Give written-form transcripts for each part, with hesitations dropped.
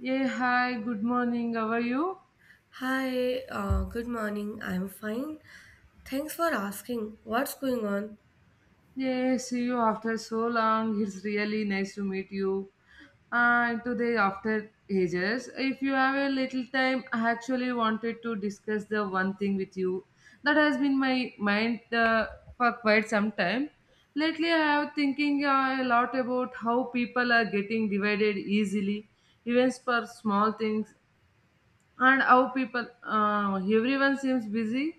Yeah, hi, good morning. How are you? Hi, good morning. I'm fine. Thanks for asking. What's going on? Yeah, see you after so long. It's really nice to meet you. And today, after ages, if you have a little time, I actually wanted to discuss the one thing with you that has been my mind for quite some time. Lately, I have thinking a lot about how people are getting divided easily, even for small things, and how people, everyone seems busy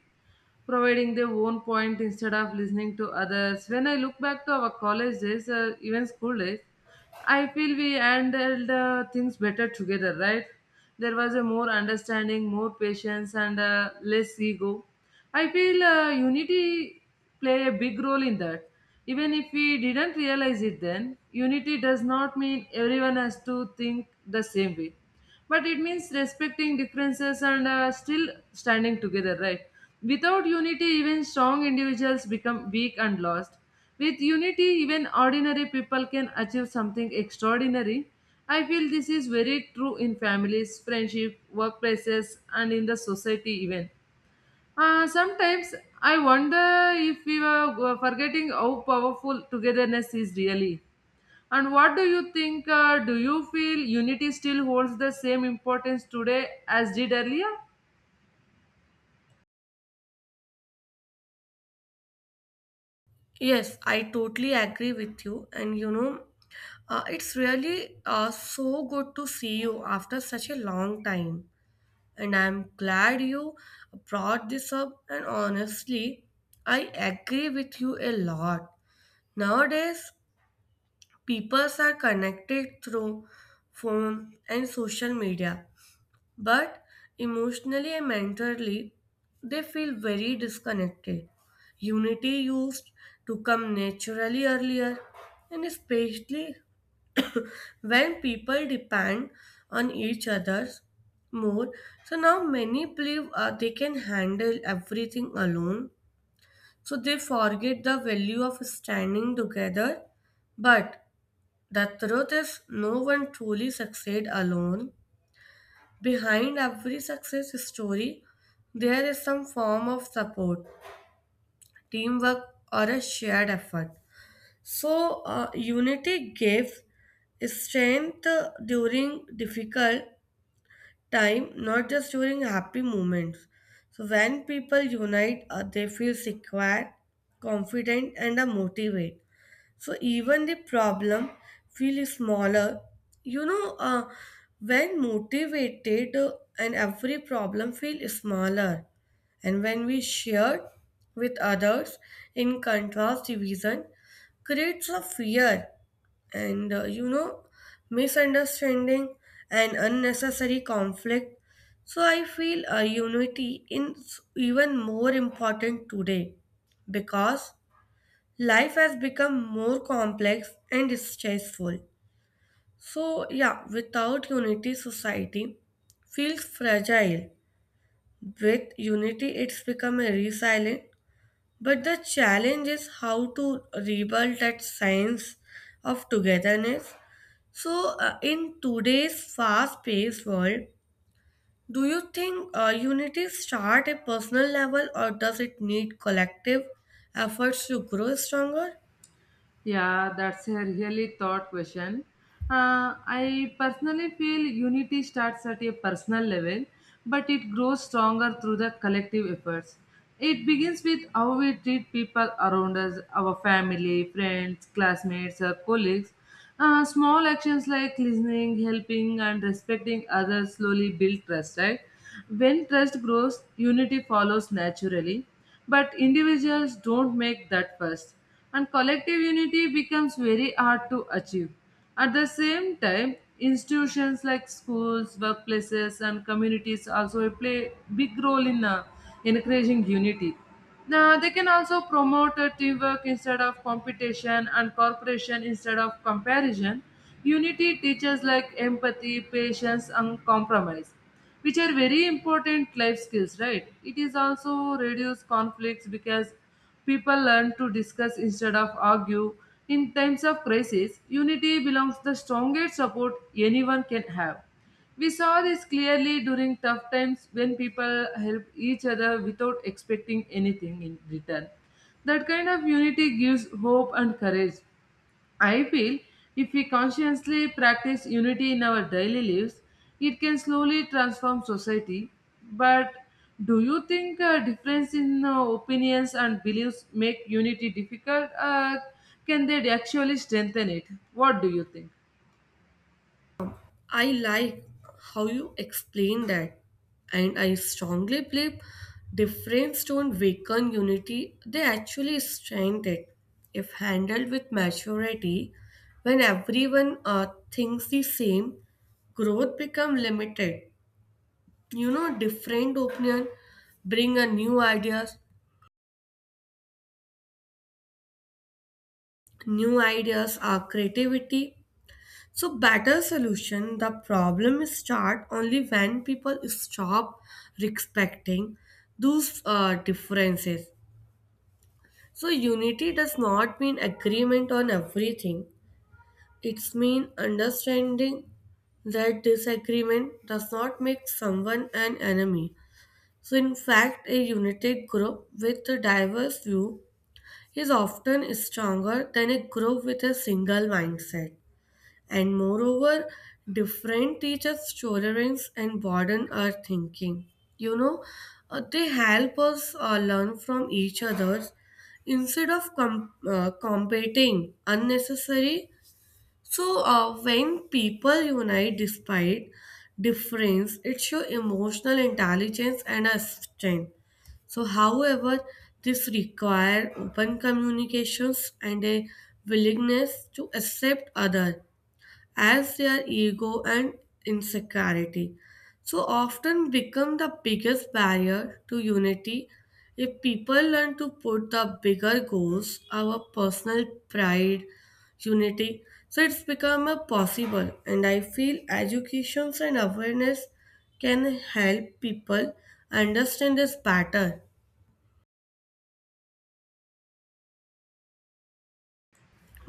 providing their own point instead of listening to others. When I look back to our college days, even school days, I feel we handled things better together, right? There was a more understanding, more patience, and less ego. I feel unity play a big role in that. Even if we didn't realize it then, unity does not mean everyone has to think the same way, but it means respecting differences and still standing together, right? Without unity, even strong individuals become weak and lost. With unity, even ordinary people can achieve something extraordinary. I feel this is very true in families, friendship, workplaces, and in the society even. Sometimes I wonder if we were forgetting how powerful togetherness is really. And what do you think? Do you feel unity still holds the same importance today as did earlier? Yes, I totally agree with you. And you know, it's really so good to see you after such a long time. And I'm glad you brought this up. And honestly, I agree with you a lot. Nowadays, people are connected through phone and social media. But emotionally and mentally, they feel very disconnected. Unity used to come naturally earlier, and especially when people depend on each other more. So now many believe they can handle everything alone. So they forget the value of standing together. But the truth is, no one truly succeed alone. Behind every success story, there is some form of support, teamwork, or a shared effort. So, unity gives strength during difficult time, not just during happy moments. So, when people unite, they feel secure, confident, and motivated. So even the problem feels smaller. You know, when motivated, and every problem feels smaller. And when we share with others, in contrast, division creates a fear and, you know, misunderstanding and unnecessary conflict. So I feel unity is even more important today because life has become more complex and stressful. So, yeah, without unity, society feels fragile. With unity, it's become a resilient. But the challenge is how to rebuild that sense of togetherness. So, in today's fast-paced world, do you think unity start at personal level, or does it need collective efforts to grow stronger? Yeah, that's a really thought question. I personally feel unity starts at a personal level, but it grows stronger through the collective efforts. It begins with how we treat people around us, our family, friends, classmates, or colleagues. Small actions like listening, helping, and respecting others slowly build trust, right? When trust grows, unity follows naturally, but individuals don't make that first, and collective unity becomes very hard to achieve. At the same time, institutions like schools, workplaces, and communities also play big role in encouraging unity. Now, they can also promote a teamwork instead of competition and cooperation instead of comparison. Unity teaches like empathy, patience, and compromise, which are very important life skills, right? It is also reduce conflicts because people learn to discuss instead of argue. In times of crisis, unity belongs the strongest support anyone can have. We saw this clearly during tough times when people help each other without expecting anything in return. That kind of unity gives hope and courage. I feel if we consciously practice unity in our daily lives, it can slowly transform society. But do you think a difference in opinions and beliefs make unity difficult? Can they actually strengthen it? What do you think? I like how you explain that, and I strongly believe difference don't weaken unity, they actually strengthen it. If handled with maturity, when everyone thinks the same, growth become limited. You know, different opinion bring a new ideas are creativity. So better solution, the problem start only when people stop respecting those differences. So unity does not mean agreement on everything. It's mean understanding that disagreement does not make someone an enemy. So in fact, a united group with a diverse view is often stronger than a group with a single mindset. And moreover, different teachers' tolerance and broaden our thinking. You know, they help us learn from each other instead of competing unnecessary. So, when people unite despite difference, it shows emotional intelligence and a strength. So, however, this require open communications and a willingness to accept other as their ego and insecurity so often become the biggest barrier to unity. If people learn to put the bigger goals our personal pride, unity so it's become a possible. And I feel educations and awareness can help people understand this pattern.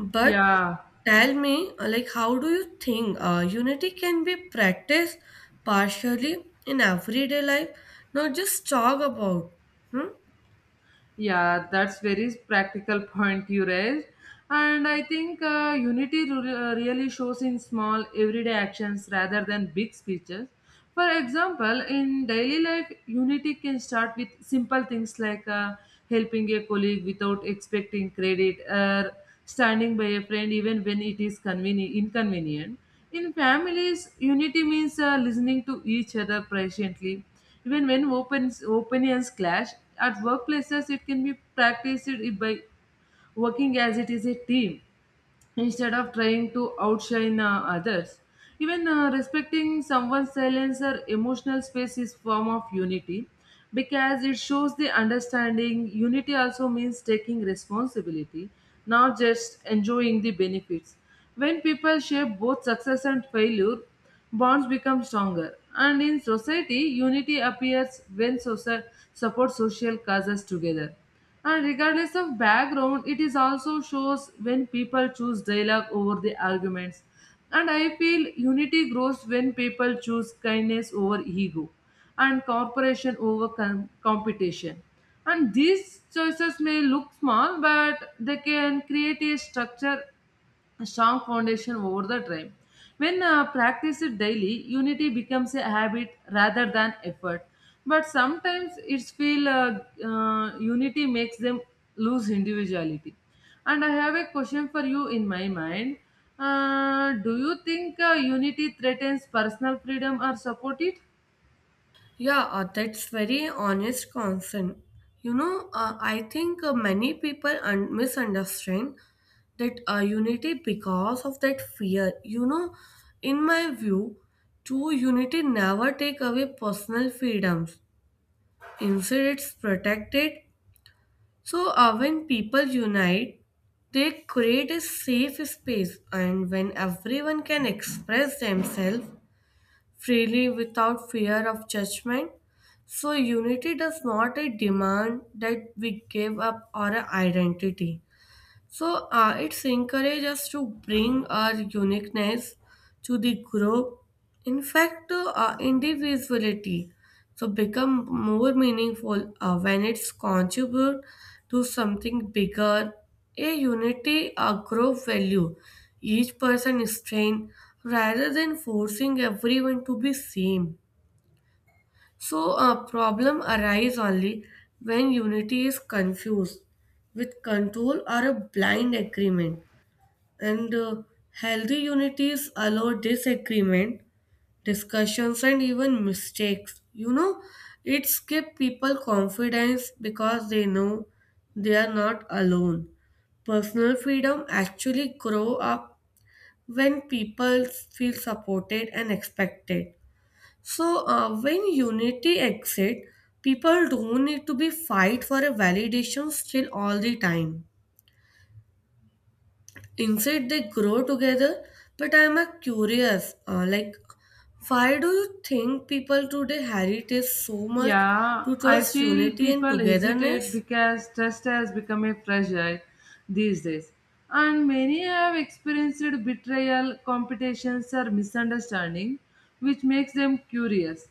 But Yeah, tell me, like, how do you think unity can be practiced partially in everyday life, not just talk about? Hmm? yeah, that's very practical point you raised. And I think unity really shows in small everyday actions rather than big speeches. For example, in daily life, unity can start with simple things like helping a colleague without expecting credit or standing by a friend even when it is inconvenient. In families, unity means listening to each other patiently even when opinions clash, at workplaces it can be practiced by working as it is a team instead of trying to outshine others. Even respecting someone's silence or emotional space is form of unity because it shows the understanding. Unity also means taking responsibility, not just enjoying the benefits. When people share both success and failure, bonds become stronger. And in society, unity appears when support social causes together. And regardless of background, it is also shows when people choose dialogue over the arguments. And I feel unity grows when people choose kindness over ego and cooperation over competition. And these choices may look small, but they can create a structure, a strong foundation over the time. When practiced daily, unity becomes a habit rather than effort. But sometimes it's feel unity makes them lose individuality. And I have a question for you in my mind. Do you think unity threatens personal freedom or support it? Yeah, that's very honest concern. You know, I think many people misunderstand that unity because of that fear. You know, in my view, true unity never take away personal freedoms. Instead, it's protected. So, when people unite, they create a safe space, and when everyone can express themselves freely without fear of judgment, so unity does not a demand that we give up our identity. So it's encourage us to bring our uniqueness to the group. In fact, individuality so become more meaningful when it's contribute to something bigger. A unity, a group value. Each person strength, rather than forcing everyone to be same. So a problem arise only when unity is confused with control or a blind agreement. And healthy unities allow disagreement, discussions, and even mistakes. You know, it gives people confidence because they know they are not alone. Personal freedom actually grow up when people feel supported and expected. So when unity exists, people don't need to be fight for a validation still all the time. Inside, they grow together. But I'm a curious, like, why do you think people today hate so much Yeah, to I trust feel unity and people hesitate togetherness? because trust has become a fragile these days. And many have experienced betrayal, competitions, or misunderstanding, which makes them curious.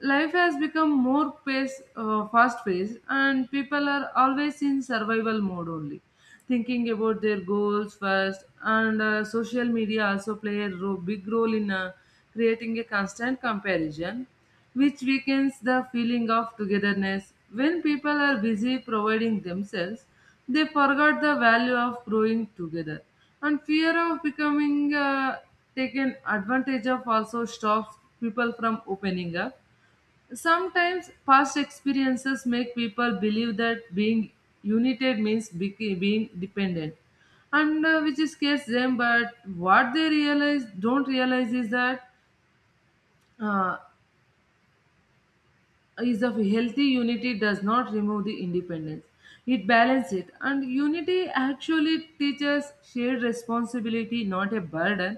Life has become more fast paced, and people are always in survival mode only thinking about their goals first, and social media also play a big role in creating a constant comparison which weakens the feeling of togetherness. When people are busy providing themselves, they forgot the value of growing together, and fear of becoming taken advantage of also stops people from opening up. Sometimes past experiences make people believe that being united means being dependent, and which is case them. But what they realize don't realize is that uh, is of healthy unity does not remove the independence. It balances it, and unity actually teaches shared responsibility, not a burden.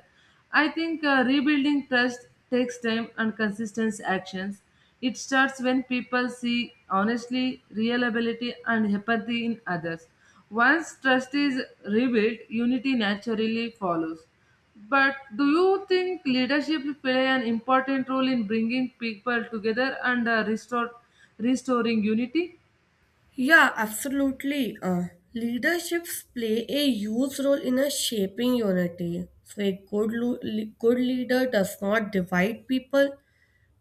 I think rebuilding trust takes time and consistent actions. It starts when people see honestly reliability and empathy in others. Once trust is rebuilt, unity naturally follows. But do you think leadership play an important role in bringing people together and restoring unity? Yeah, absolutely. Leaderships play a huge role in a shaping unity. So a good leader does not divide people,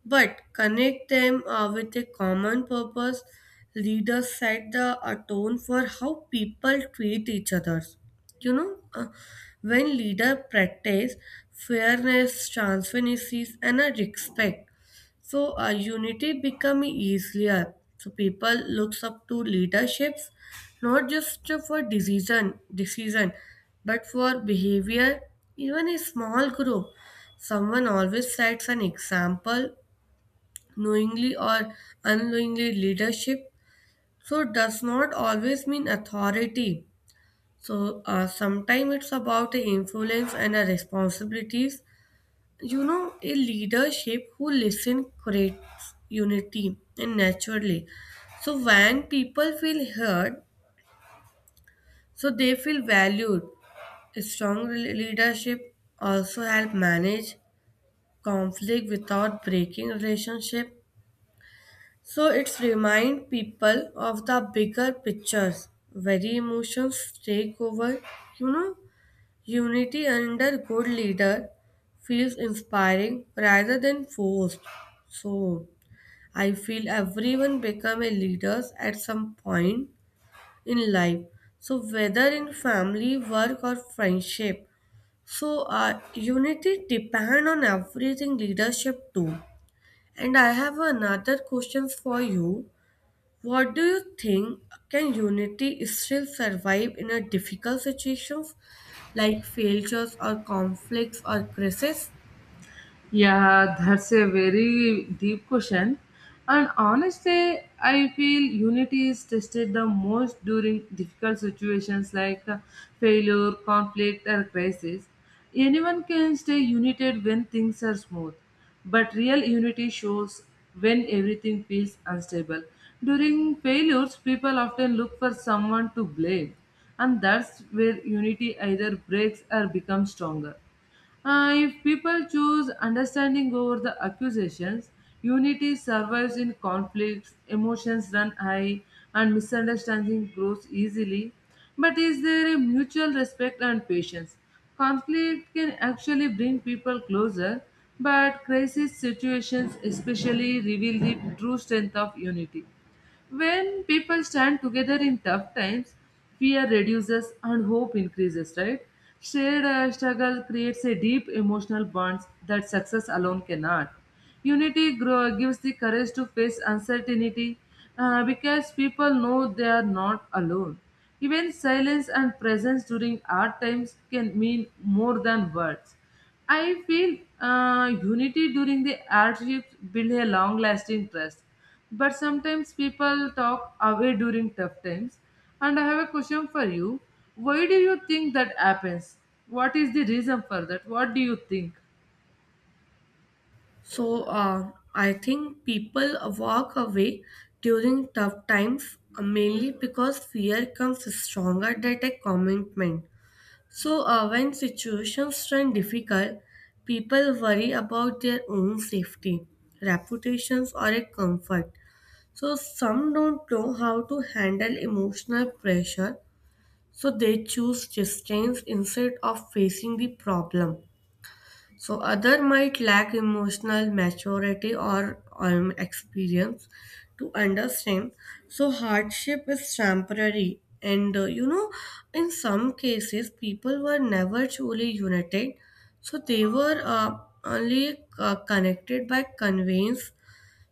but connect them with a common purpose. Leaders set the tone for how people treat each other. You know, when leader practice fairness, transparency, and a respect, so unity become easier. So people looks up to leaderships, not just for decision, but for behavior. Even a small group, someone always sets an example knowingly or unknowingly. Leadership so does not always mean authority, so sometimes it's about a influence and a responsibilities. You know, a leadership who listen creates unity and naturally. So when people feel heard, so they feel valued. A leadership also help manage conflict without breaking relationship. So it's remind people of the bigger pictures, very emotions take over. You know, unity under good leader feels inspiring rather than forced. So I feel everyone become a leaders at some point in life. So whether in family, work or friendship. So unity depend on everything leadership too. And I have another questions for you. What do you think? Can unity still survive in a difficult situations like failures or conflicts or crises? Yeah, that's a very deep question. And honestly, I feel unity is tested the most during difficult situations like failure, conflict, or crisis. Anyone can stay united when things are smooth, but real unity shows when everything feels unstable. During failures, people often look for someone to blame, and that's where unity either breaks or becomes stronger. If people choose understanding over the accusations, unity survives. In conflicts, emotions run high, and misunderstanding grows easily. But is there a mutual respect and patience? Conflict can actually bring people closer, but crisis situations especially reveal the true strength of unity. When people stand together in tough times, fear reduces and hope increases, right? Shared struggle creates a deep emotional bond that success alone cannot. Unity grow, gives the courage to face uncertainty because people know they are not alone. Even silence and presence during hard times can mean more than words. I feel unity during the hardships build a long-lasting trust, but sometimes people talk away during tough times. And I have a question for you. Why do you think that happens? What is the reason for that? What do you think? So I think people walk away during tough times mainly because fear comes stronger than a commitment. So, when situations turn difficult, people worry about their own safety, reputations, or a comfort. So, some don't know how to handle emotional pressure, so they choose distance instead of facing the problem. So other might lack emotional maturity or experience to understand. So hardship is temporary, and, you know, in some cases, people were never truly united. So they were only connected by conveyance.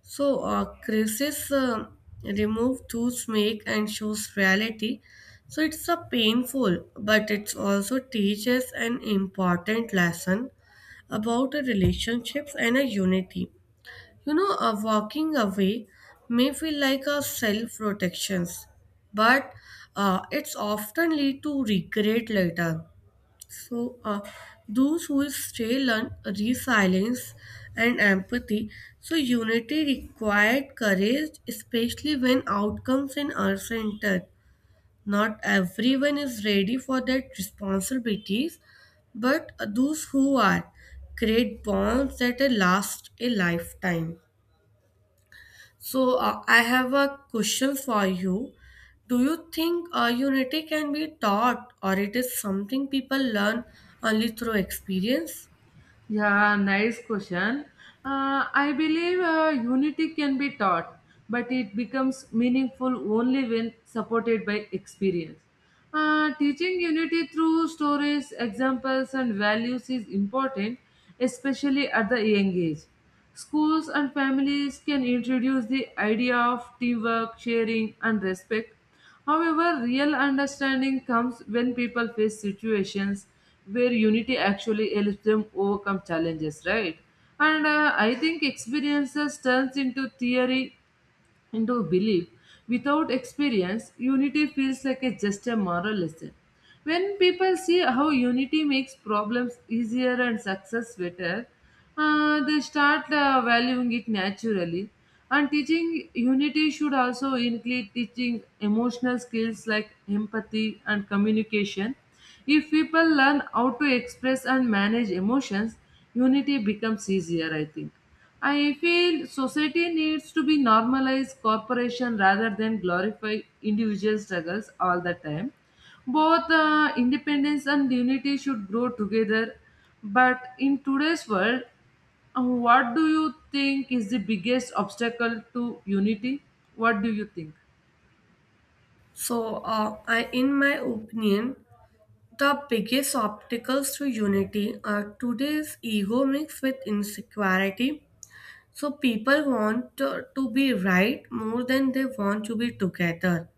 So, crisis remove to make and shows reality. So it's a painful, but it's also teaches an important lesson about a relationships and a unity. You know, a walking away may feel like a self protections, but it's often lead to regret later. So, those who stay learn resilience and empathy. So, unity required courage, especially when outcomes in our center. Not everyone is ready for that responsibilities, but those who are create bonds that last a lifetime. So, I have a question for you. Do you think unity can be taught, or it is something people learn only through experience? Yeah, nice question. I believe unity can be taught, but it becomes meaningful only when supported by experience. Teaching unity through stories, examples, and values is important, especially at the young age. Schools and families can introduce the idea of teamwork, sharing, and respect. However, real understanding comes when people face situations where unity actually helps them overcome challenges, right? And I think experiences turns into theory into belief. Without experience, unity feels like a, just a moral lesson. When people see how unity makes problems easier and success better, they start valuing it naturally. And teaching unity should also include teaching emotional skills like empathy and communication. If people learn how to express and manage emotions, unity becomes easier, I think. I feel society needs to be normalized cooperation rather than glorify individual struggles all the time. Both independence and unity should grow together. But in today's world, what do you think is the biggest obstacle to unity? What do you think? So, in my opinion, the biggest obstacles to unity are today's ego mixed with insecurity. So, people want to be right more than they want to be together.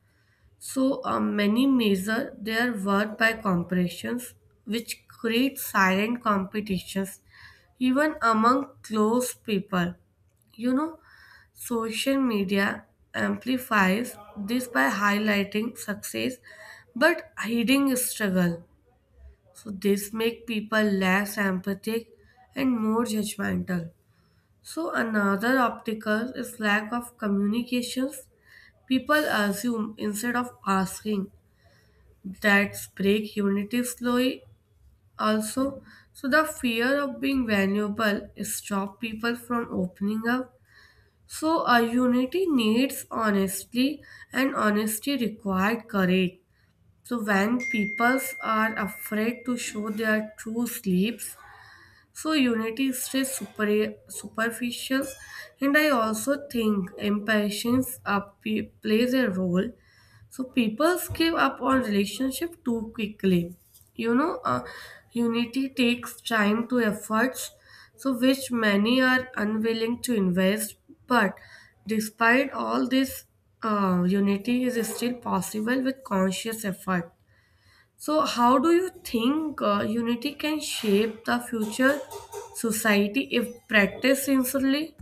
So, many measure their worth by comparisons, which create silent competitions even among close people. You know, social media amplifies this by highlighting success but hiding struggle. So this make people less empathetic and more judgmental. So another obstacle is lack of communications. People assume instead of asking that break unity slowly. Also, so the fear of being vulnerable stop people from opening up. So a unity needs honesty, and honesty required courage. So when peoples are afraid to show their true sleeps, so unity is just superficial, and I also think impatience plays a role. So people give up on relationship too quickly. You know, unity takes time to efforts, so which many are unwilling to invest. But despite all this, unity is still possible with conscious effort. So, how do you think unity can shape the future society if practiced sincerely?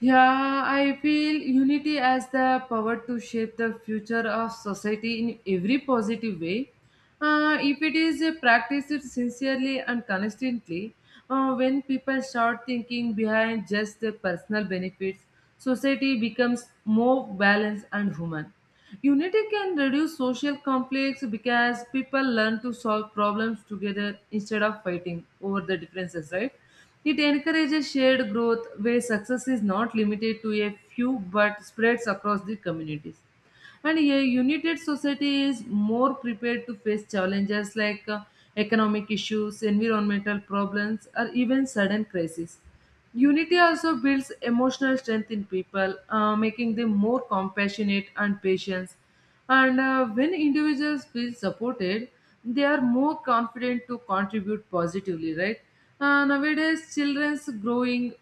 Yeah, I feel unity as the power to shape the future of society in every positive way. If it is practiced sincerely and consistently, when people start thinking behind just their personal benefits, society becomes more balanced and human. Unity can reduce social conflicts because people learn to solve problems together instead of fighting over the differences, right? It encourages shared growth where success is not limited to a few but spreads across the communities. And a united society is more prepared to face challenges like economic issues, environmental problems, or even sudden crises. Unity also builds emotional strength in people, making them more compassionate and patient. And when individuals feel supported, they are more confident to contribute positively, right? Nowadays, children's growing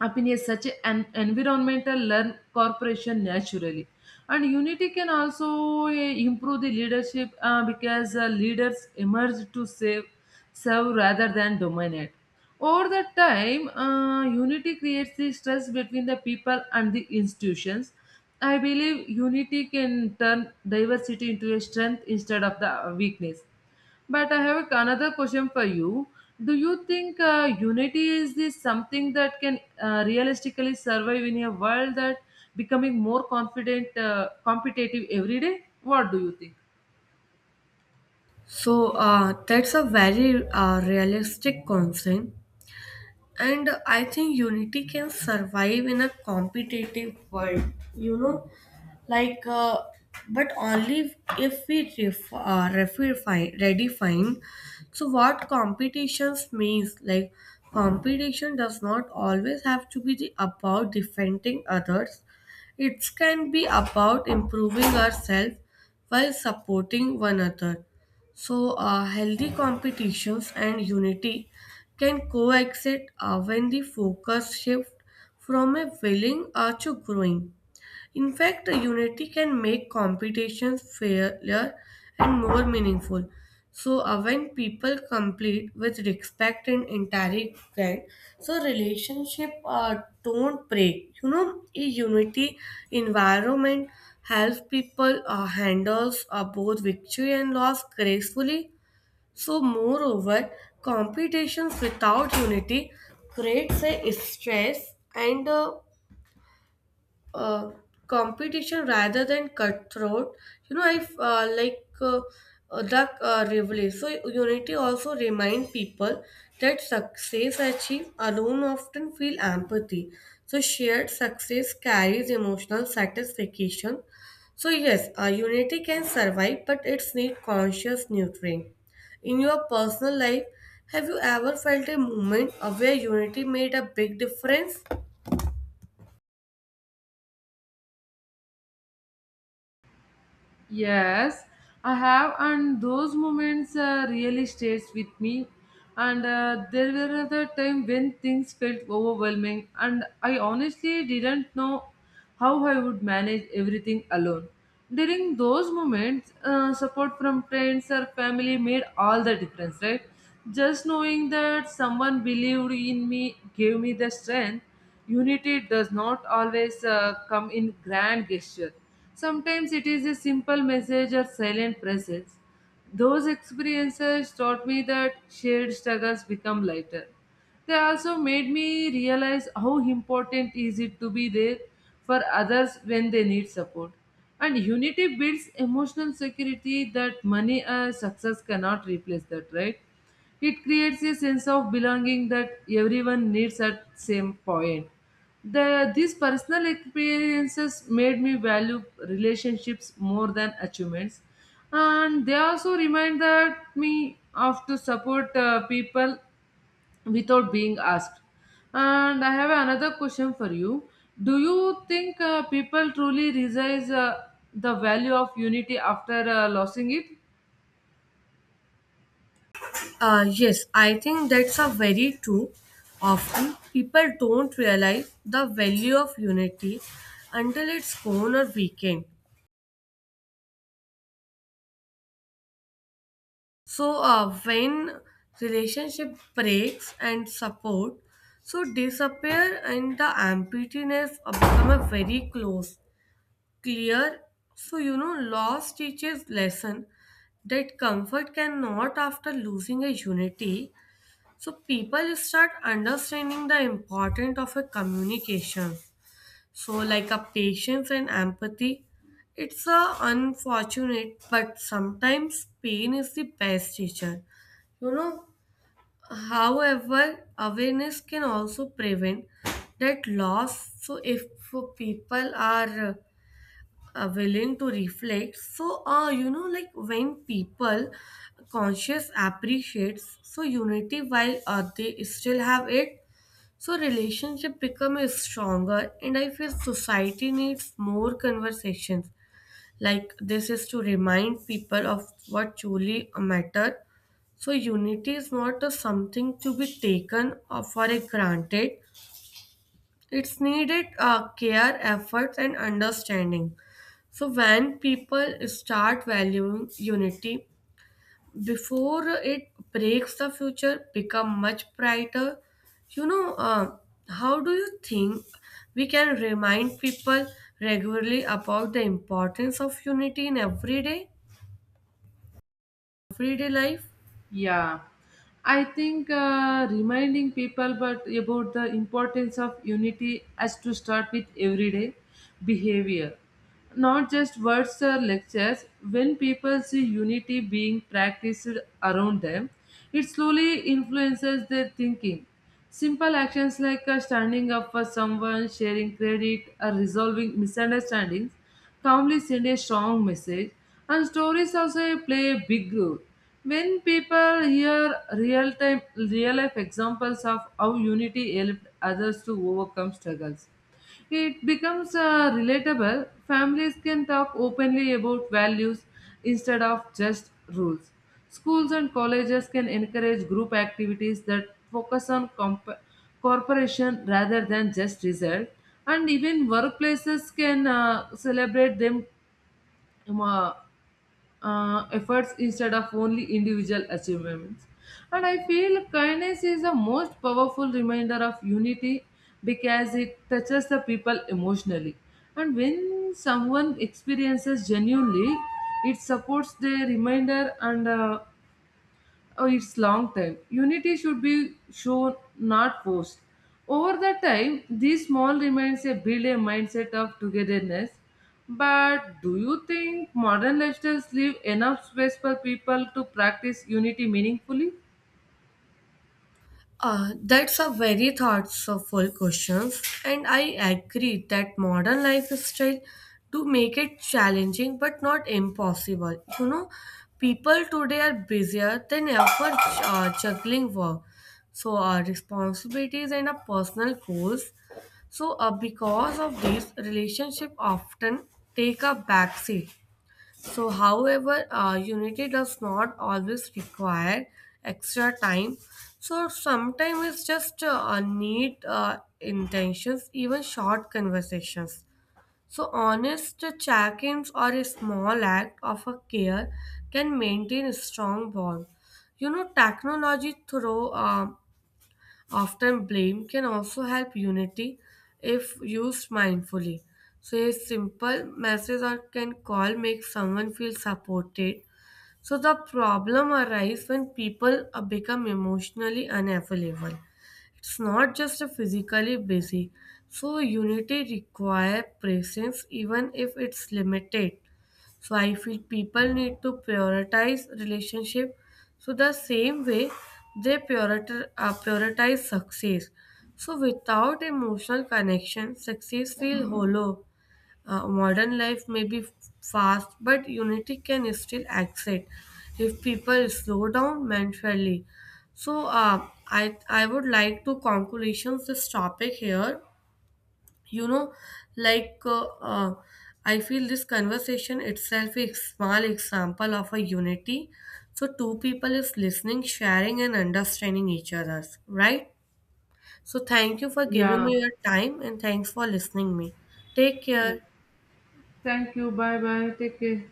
opinion is such an environmental learn corporation naturally, and unity can also improve the leadership because leaders emerge to save serve rather than dominate. Over the time, unity creates the stress between the people and the institutions. I believe unity can turn diversity into a strength instead of the weakness. But I have another question for you. Do you think unity is this something that can realistically survive in a world that becoming more confident, competitive every day? What do you think? So, that's a very realistic concern, and I think unity can survive in a competitive world. You know, like uh, but only if refine redefine so what competitions means. Like competition does not always have to be the, about defending others, it can be about improving ourselves while supporting one another. So healthy competitions and unity can coexist when the focus shift from a willing to growing. In fact, unity can make competitions fairer and more meaningful. So, when people complete with respect and integrity, so relationship don't break. You know, a unity environment helps people handles both victory and loss gracefully. So, moreover, competitions without unity creates a stress and, uh, competition rather than cutthroat. You know, I f- like the rivalry. So unity also remind people that success achieved alone often feel empathy. So shared success carries emotional satisfaction. So yes, unity can survive, but it's need conscious nurturing. In your personal life, have you ever felt a moment where unity made a big difference? Yes, I have, and those moments really stays with me. And there were other time when things felt overwhelming, and I honestly didn't know how I would manage everything alone. During those moments, support from friends or family made all the difference, right? Just knowing that someone believed in me gave me the strength. Unity does not always come in grand gesture. Sometimes it is a simple message or silent presence. Those experiences taught me that shared struggles become lighter. They also made me realize how important is it to be there for others when they need support. And unity builds emotional security that money or success cannot replace that, right? It creates a sense of belonging that everyone needs at same point. The these personal experiences made me value relationships more than achievements, and they also reminded me of to support people without being asked. And I have another question for you. Do you think people truly realize the value of unity after losing it? Yes, I think that's a very true. Often people don't realize the value of unity until it's gone or weakened. So when relationship breaks and support so disappear and the emptiness become a very clear. So you know, loss teaches lesson that comfort cannot after losing a unity. So people start understanding the importance of a communication. So like a patience and empathy. It's a unfortunate, but sometimes pain is the best teacher. You know, however, awareness can also prevent that loss. So if people are willing to reflect, so, you know, like when people conscious appreciates so unity while they still have it, so relationship become a stronger. And I feel society needs more conversations like this is to remind people of what truly matter. So unity is not a something to be taken for a granted. It's needed care, efforts, and understanding. So when people start valuing unity before it breaks, the future become much brighter. You know, how do you think we can remind people regularly about the importance of unity in everyday life? Yeah, I think reminding people but about the importance of unity has to start with everyday behavior, not just words or lectures. When people see unity being practiced around them, it slowly influences their thinking. Simple actions like standing up for someone, sharing credit, or resolving misunderstandings calmly send a strong message, and stories also play a big role. When people hear real time, real life examples of how unity helped others to overcome struggles, it becomes relatable. Families can talk openly about values instead of just rules. Schools and colleges can encourage group activities that focus on cooperation rather than just result, and even workplaces can celebrate them um, uh, efforts instead of only individual achievements. And I feel kindness is the most powerful reminder of unity because it touches the people emotionally. And when someone experiences genuinely, it supports their reminder and oh, it's long time. Unity should be shown, not forced. Over the time, these small remains a build a mindset of togetherness. But do you think modern lifestyles leave enough space for people to practice unity meaningfully? That's a very thoughtful question, and I agree that modern lifestyle to make it challenging but not impossible. You know, people today are busier than ever juggling work, so responsibilities and personal goals. So, because of this, relationship often take a backseat. So, however, unity does not always require extra time. So, sometimes it's just a need intentions, even short conversations. So, honest check ins or a small act of a care can maintain a strong bond. You know, technology through often, blame can also help unity if used mindfully. So, a simple message or can call makes someone feel supported. So, the problem arises when people become emotionally unavailable. It's not just a physically busy. So, unity requires presence even if it's limited. So I feel people need to prioritize relationship. So the same way they prioritize success. So without emotional connection, success feels hollow. Modern life may be fast, but unity can still exist if people slow down mentally. So I would like to conclusions this topic here. You know, like uh, uh, I feel this conversation itself is small example of a unity. So two people is listening sharing and understanding each other's right. So thank you for giving Yeah. me your time and thanks for listening me. Take Yeah. care. Thank you. Bye bye. Take care.